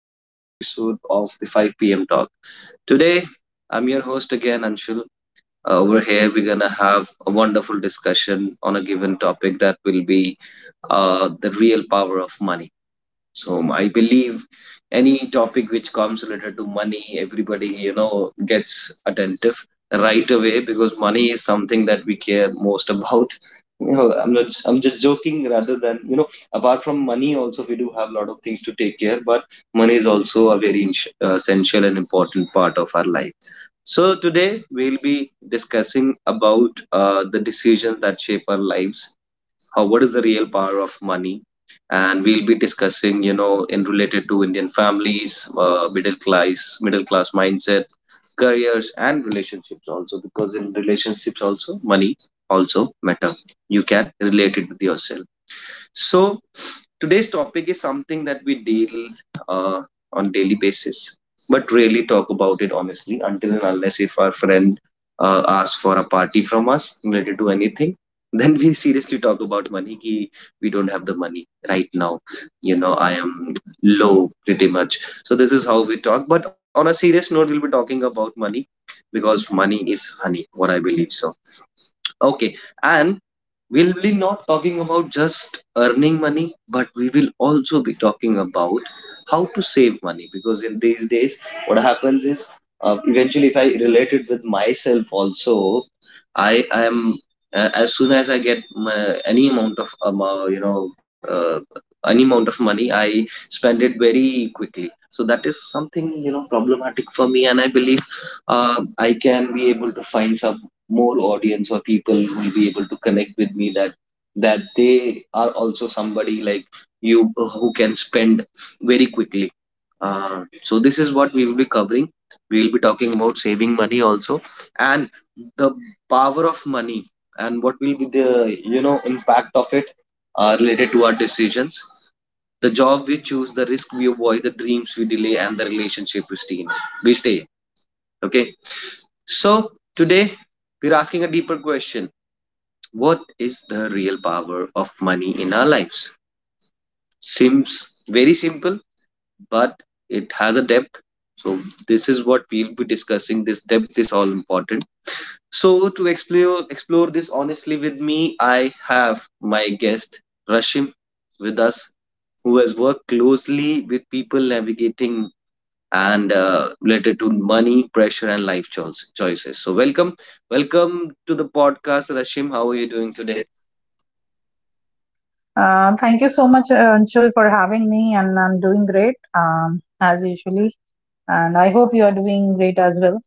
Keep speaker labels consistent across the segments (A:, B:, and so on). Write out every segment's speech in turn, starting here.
A: another episode of the 5 p.m. Talk. Today, I'm your host again, Anshul. Over here, we're gonna have a wonderful discussion on a given topic that will be the real power of money. I believe any topic which comes related to money, everybody gets attentive right away because money is something that we care most about. You know, I'm not. I'm just joking. Rather than apart from money, also we do have a lot of things to take care. But money is also a very essential and important part of our life. So today we'll be discussing about the decisions that shape our lives, how, what is the real power of money, and we'll be discussing, in related to Indian families, middle class mindset, careers, and relationships also, because in relationships also money also matter. You can relate it with yourself. So today's topic is something that we deal, uh, on daily basis, but rarely talk about it honestly until and unless if our friend asks for a party from us related to anything, then we seriously talk about money. Ki we don't have the money right now. You know, I am low pretty much. So this is how we talk. But on a serious note, we'll be talking about money because money is honey. What I believe so. Okay, and we'll be not talking about just earning money, but we will also be talking about how to save money, because in these days, what happens is, eventually, if I relate it with myself also, I am, as soon as I get my, any amount of any amount of money, I spend it very quickly. So that is something, problematic for me, and I believe I can be able to find some more audience or people who will be able to connect with me that they are also somebody like you who can spend very quickly. Uh, so this is what we will be covering. We will be talking about saving money also, and the power of money, and what will be the, impact of it, related to our decisions, the job we choose, the risk we avoid, the dreams we delay, and the relationship we stay in. We stay Okay. So today we're asking a deeper question. What is the real power of money in our lives? Seems very simple, but it has a depth. So this is what we'll be discussing. This depth is all important. So to explore this honestly with me, I have my guest Rashim with us, who has worked closely with people navigating and related to money, pressure, and choices. So, welcome, welcome to the podcast, Rashim. How are you doing today?
B: Uh, Thank you so much, Anshul, for having me, and I'm doing great as usually. And I hope you are doing great as well.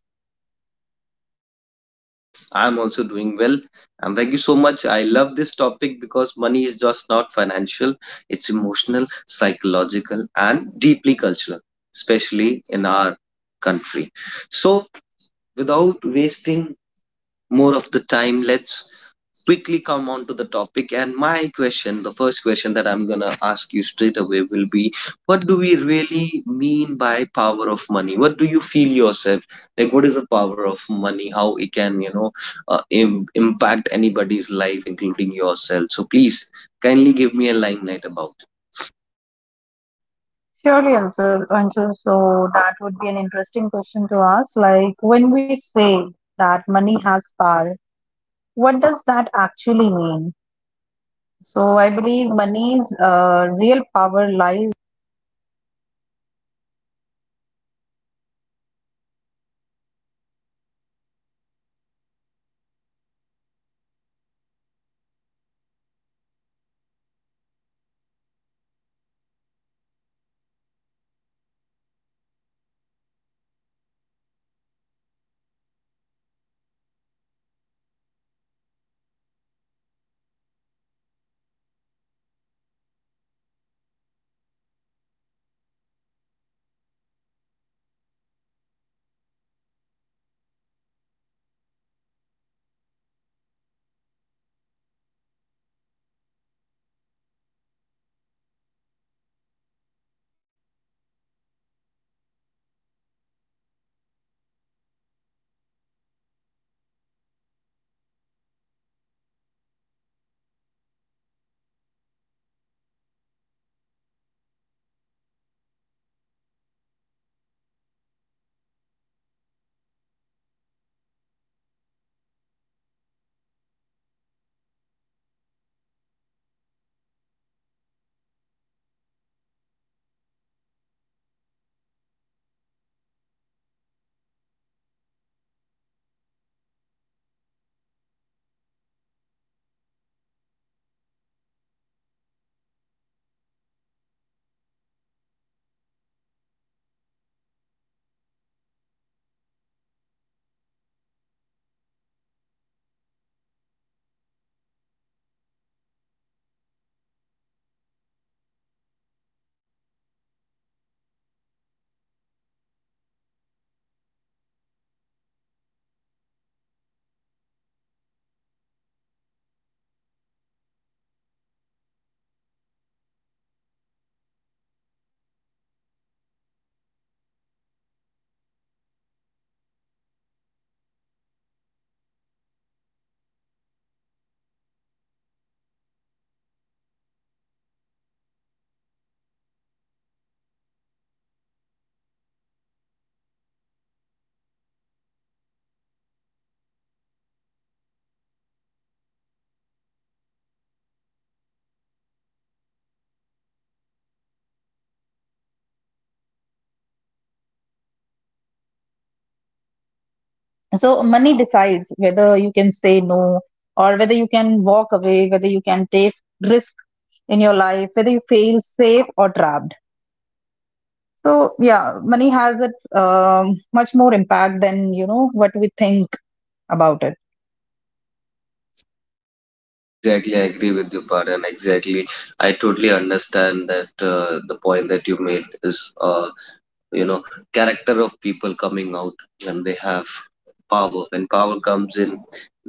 A: Yes, I'm also doing well, and thank you so much. I love this topic because money is just not financial; it's emotional, psychological, and deeply cultural, especially in our country. So, without wasting more of the time, let's quickly come on to the topic. And my question, the first question that I'm gonna ask you straight away will be, what do we really mean by power of money? What do you feel yourself? Like, what is the power of money? How it can, impact anybody's life, including yourself. So please, kindly give me a limelight about it.
B: Surely, Anshul. Anshul. So that would be an interesting question to ask. Like when we say that money has power, what does that actually mean? So I believe money's real power lies. So money decides whether you can say no or whether you can walk away, whether you can take risk in your life, whether you feel safe or trapped. So yeah, money has its much more impact than you know what we think about it.
A: Exactly, I agree with you, Paran. Exactly, I totally understand that the point that you made is, you know character of people coming out when they have power, when power comes in,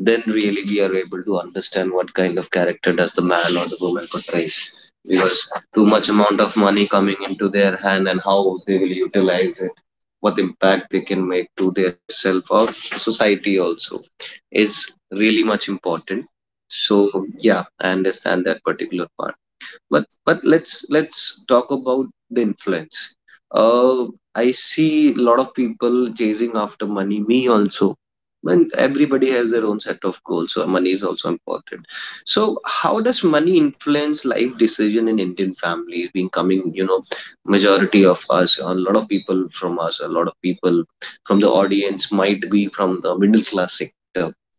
A: then really we are able to understand what kind of character does the man or the woman portrays, because too much amount of money coming into their hand, and how they will utilize it, what impact they can make to their self or society also is really much important. So yeah, I understand that particular part, but let's talk about the influence. uh, I see a lot of people chasing after money, me also, when everybody has their own set of goals, so money is also important. So how does money influence life decision in Indian families, being coming, majority of us, a lot of people from us, a lot of people from the audience might be from the middle class sector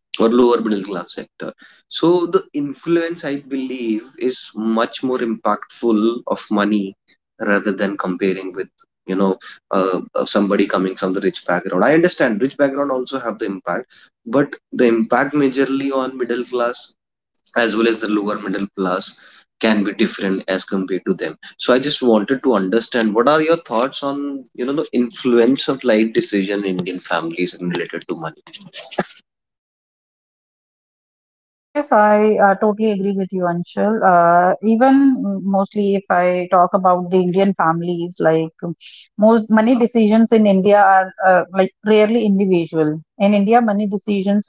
A: or lower middle class sector. So the influence, I believe, is much more impactful of money rather than comparing with, you know somebody coming from the rich background. I understand rich background also have the impact, but the impact majorly on middle class as well as the lower middle class can be different as compared to them. So I just wanted to understand what are your thoughts on, the influence of life decision in Indian families and related to money.
B: Yes, I totally agree with you, Anshul. Even, mostly if I talk about the Indian families, like, most money decisions in India are like rarely individual. In India, money decisions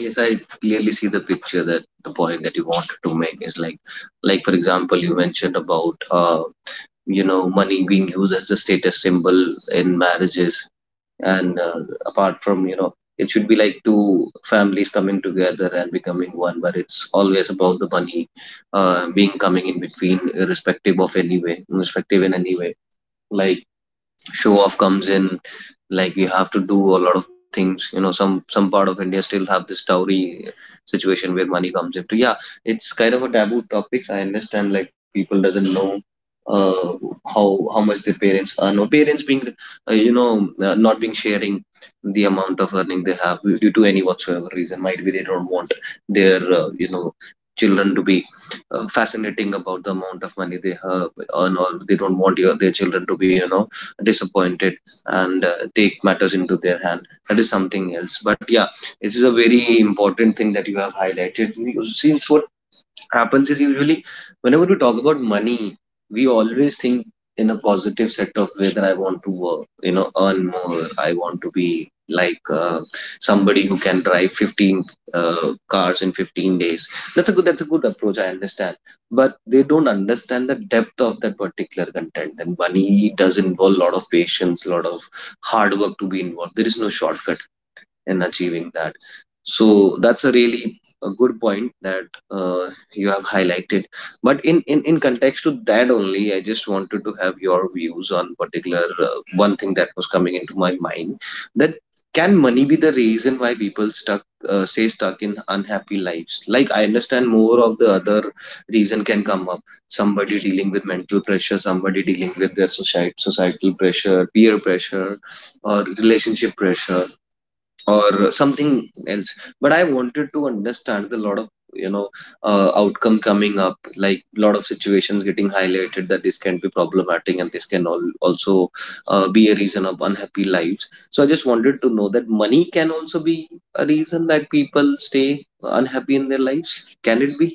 A: Yes, I clearly see the picture, that the point that you wanted to make is like for example, you mentioned about, money being used as a status symbol in marriages, and apart from, it should be like two families coming together and becoming one, but it's always about the money, being coming in between, irrespective of any way, irrespective in any way. Like show off comes in, like you have to do a lot of things, you know, some part of India still have this dowry situation where money comes into. Yeah, it's kind of a taboo topic. I understand, like people doesn't know, uh how how much their parents earn, or parents being, not being sharing the amount of earning they have due to any whatsoever reason. Might be they don't want their, children to be fascinating about the amount of money they have earn, or they don't want your, their children to be, disappointed, and take matters into their hand. That is something else. But yeah, this is a very important thing that you have highlighted, because since what happens is usually whenever we talk about money, we always think in a positive set of way, that I want to work, you know, earn more. I want to be like somebody who can drive 15 cars in 15 days. That's a good. That's a good approach. I understand, but they don't understand the depth of that particular content. And money does involve a lot of patience, a lot of hard work to be involved. There is no shortcut in achieving that. So that's a really a good point that uh, you have highlighted. But in context to that only, I just wanted to have your views on particular one thing that was coming into my mind, that can money be the reason why people stuck, say stuck in unhappy lives. Like I understand more of the other reason can come up, somebody dealing with mental pressure, somebody dealing with their society societal pressure, peer pressure, or relationship pressure, or something else. But I wanted to understand the lot of, you know outcome coming up, like lot of situations getting highlighted, that this can be problematic, and this can all also be a reason of unhappy lives. So I just wanted to know that money can also be a reason that people stay unhappy in their lives. Can it be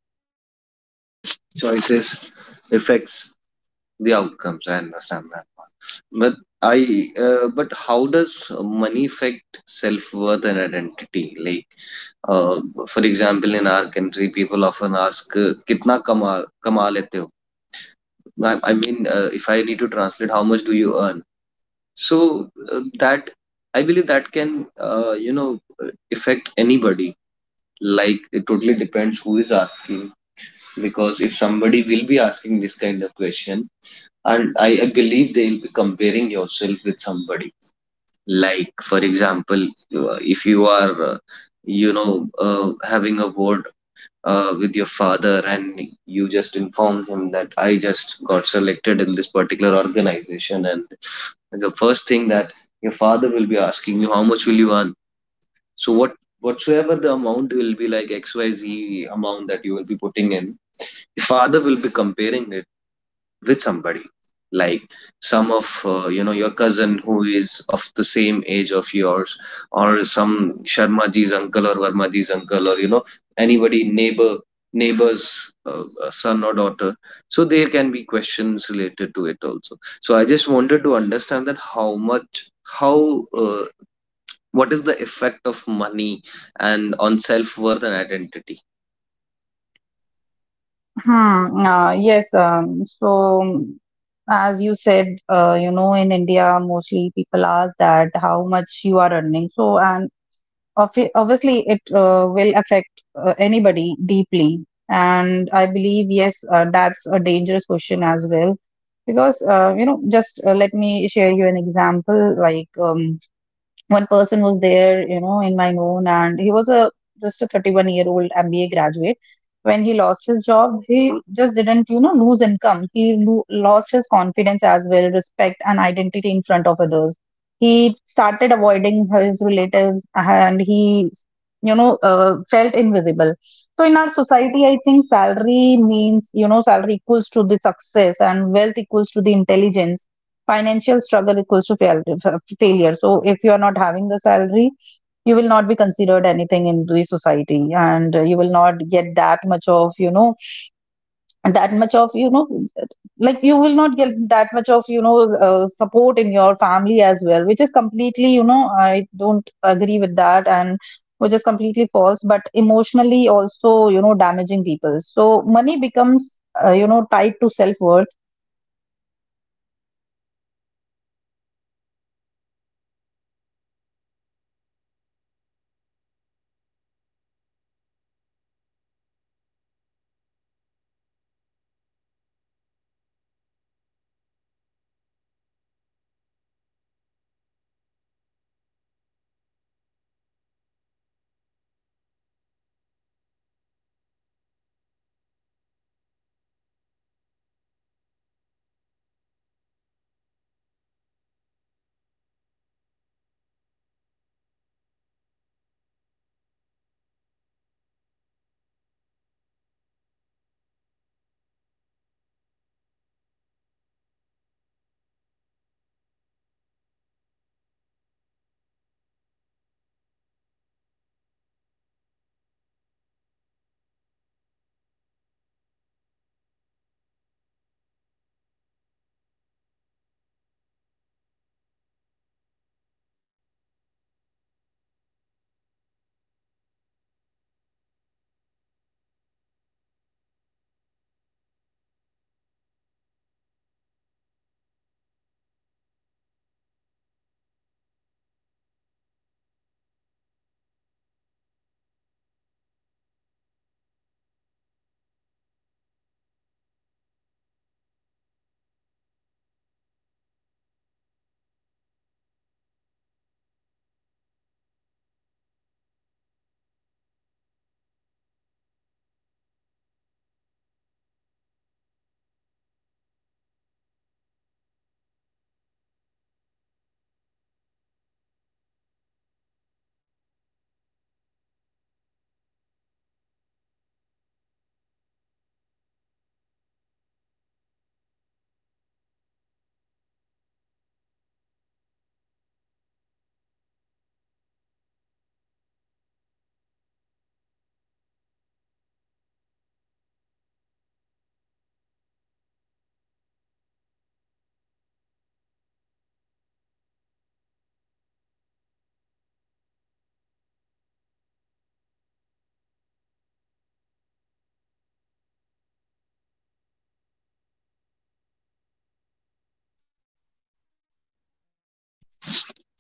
B: are limited, I think.
A: choices, affects the outcomes? I understand that one, but I but how does money affect self worth and identity? Like Uh, for example, in our country, people often ask, "Kitna kama lete ho?" I mean, if I need to translate, how much do you earn? So that I believe that can, affect anybody. Like it totally depends who is asking, because if somebody will be asking this kind of question, and I believe they will be comparing yourself with somebody. Like for example, if you are having a word with your father and you just inform him that I just got selected in this particular organization, and the first thing that your father will be asking you, how much will you earn? So whatsoever the amount will be, like xyz amount that you will be putting in, your father will be comparing it with somebody, like some of your cousin who is of the same age of yours, or some Sharma ji's uncle or Verma ji's uncle, or anybody, neighbor, neighbor's son or daughter. So there can be questions related to it also. So I just wanted to understand that how much, how uh, what is the effect of money and on self worth and identity.
B: Hmm. Yes. Mm, as you said, you know, in India, mostly people ask that how much you are earning. So, and obviously, it will affect anybody deeply. And I believe, yes, that's a dangerous question as well. Because, you know, just let me share you an example. Like, one person was there, you know, in my known, and he was a just a 31-year-old MBA graduate. When he lost his job, he just didn't, you know, lose income. He lost his confidence as well, respect and identity in front of others. He started avoiding his relatives, and he, you know, felt invisible. So in our society, I think salary means, you know, salary equals to the success, and wealth equals to the intelligence, financial struggle equals to fail, failure. So if you are not having the salary, you will not be considered anything in the society, and you will not get that much of you know that much of you know like you will not get that much of, you know, support in your family as well, which is completely, you know, I don't agree with that, and which is completely false, but emotionally also, you know, damaging people. So money becomes, you know, tied to self worth.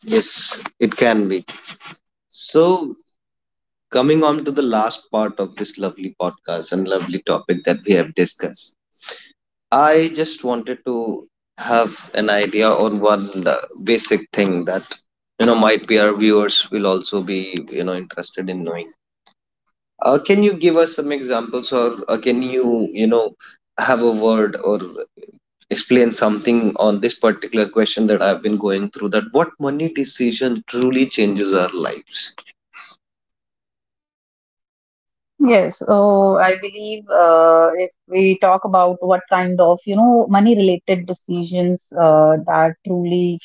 A: Yes, it can be. So coming on to the last part of this lovely podcast and lovely topic that we have discussed, I just wanted to have an idea on one basic thing that, you know, might be our viewers will also be, you know, interested in knowing. Can you give us some examples, or can you, you know, have a word or explain something on this particular question that I've been going through? That what money decision truly changes our lives.
B: Yes, so I believe, if we talk about what kind of, you know, money-related decisions that truly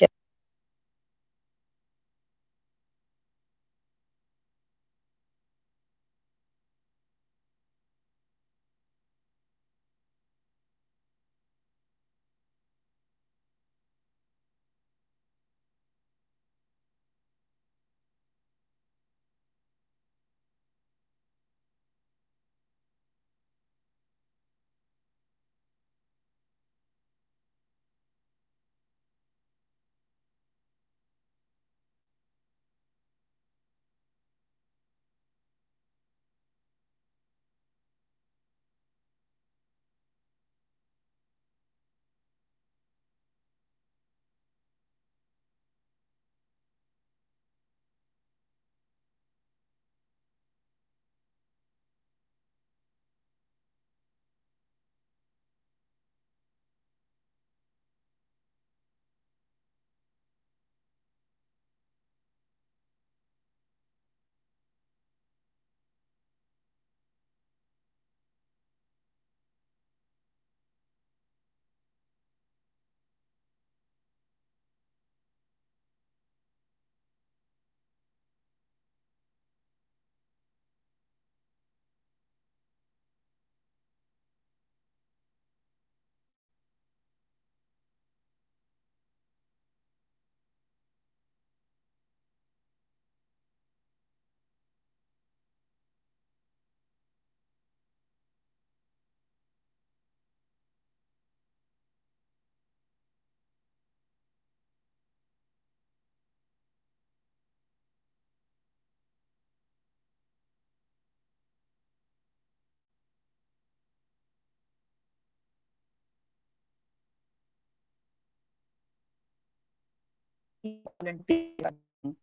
B: can.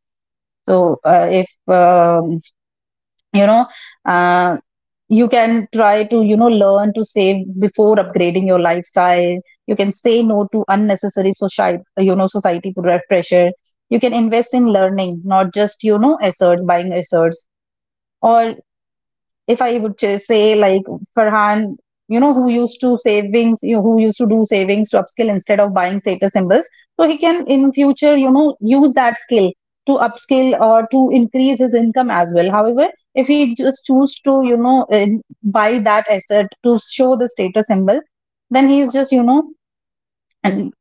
B: So if, you know, uh, you can try to, you know, learn to save before upgrading your lifestyle. You can say no to unnecessary society pressure. You can invest in learning, not just, you know, assets, buying assets. Or if I would say like Farhan, you know, who used to savings, you know, who used to do savings to upskill instead of buying status symbols. So he can in future, you know, use that skill to upskill or to increase his income as well. However, if he just choose to, you know, buy that asset to show the status symbol, then he's just, you know, and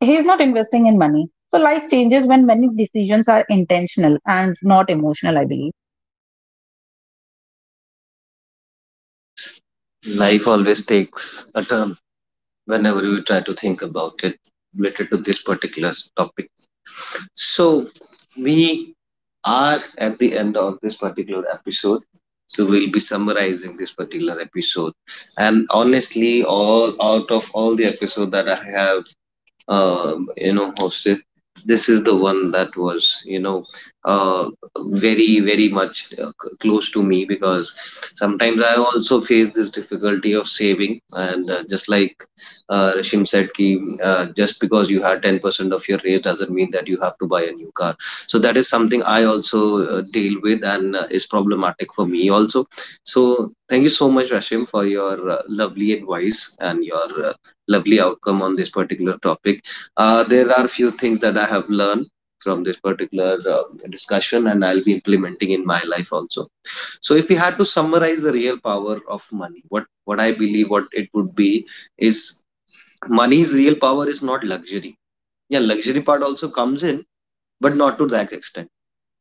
B: he's not investing in money. So life changes when many decisions are intentional and not emotional, I believe.
A: Yes, life always takes a turn whenever we try to think about it related to this particular topic. So, we are at the end of this particular episode. So, we'll be summarizing this particular episode. And honestly, all out of all the episode that I have hosted, this is the one that was, you know uh, very very much close to me, because sometimes I also face this difficulty of saving, and just like Rishim said ki, just because you had 10% of your raise doesn't mean that you have to buy a new car. So that is something I also deal with, and is problematic for me also. So thank you so much, Rashim, for your lovely advice and your lovely outcome on this particular topic. Uh, there are few things that I have learned from this particular discussion, and I'll be implementing in my life also. So if we had to summarize the real power of money, what I believe what it would be is, money's real power is not luxury. Yeah, luxury part also comes in, but not to that extent.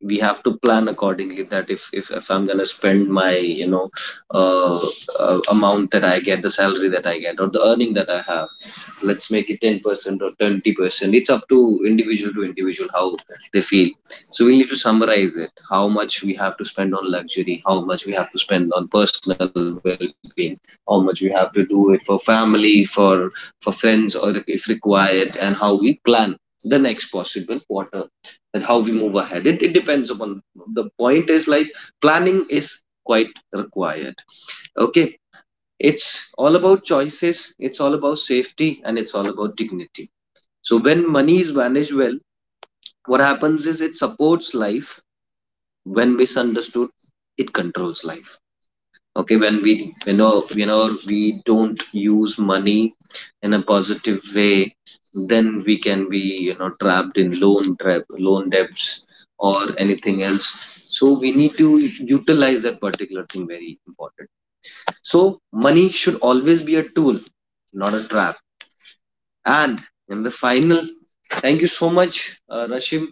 A: We have to plan accordingly that if I'm going to spend my, you know uh, amount that I get, the salary that I get or the earning that I have, let's make it 10% or 20%, it's up to individual how they feel. So we need to summarize it, how much we have to spend on luxury, how much we have to spend on personal well-being, how much we have to do it for family, for friends, or if required, and how we plan the next possible quarter and how we move ahead. It depends upon, the point is like, planning is quite required. Okay, it's all about choices, it's all about safety, and it's all about dignity. So when money is managed well, what happens is it supports life. When misunderstood, it controls life. Okay, when we, you know, we don't use money in a positive way, then we can be, you know, trapped in loan trap, loan debts or anything else. So we need to utilize that particular thing, very important. So money should always be a tool, not a trap. And in the final, thank you so much, Rashim,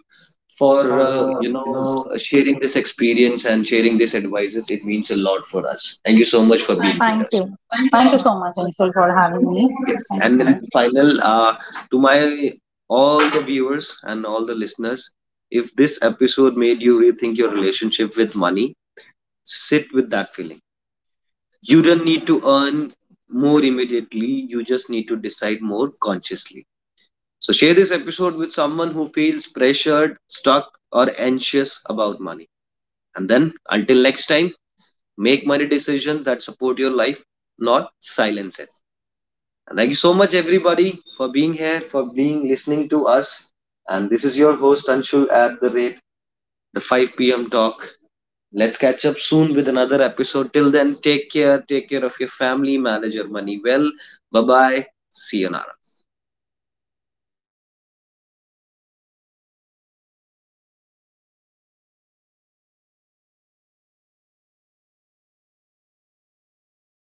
B: For
A: for
B: you know,
A: sharing this experience and sharing these advices. It means a lot for us. Thank you so much for being with
B: fine,
A: us.
B: too.
A: Thank you so
B: Thank you so much, Ansel, for
A: much.
B: having me.
A: Yes.
B: Thank you
A: And
B: so
A: in
B: much.
A: the final, to my all the viewers and all the listeners, if this episode made you rethink your relationship with money, sit with that feeling. You don't need to earn more immediately. You just need to decide more consciously. So, share this episode with someone who feels pressured, stuck, or anxious about money. And then, until next time, make money decisions that support your life, not silence it. And thank you so much, everybody, for being here, for being listening to us. And this is your host, Anshul, at the rate the 5 p.m. talk. Let's catch up soon with another episode. Till then, take care. Take care of your family. Manage your money well. Bye bye. See you now.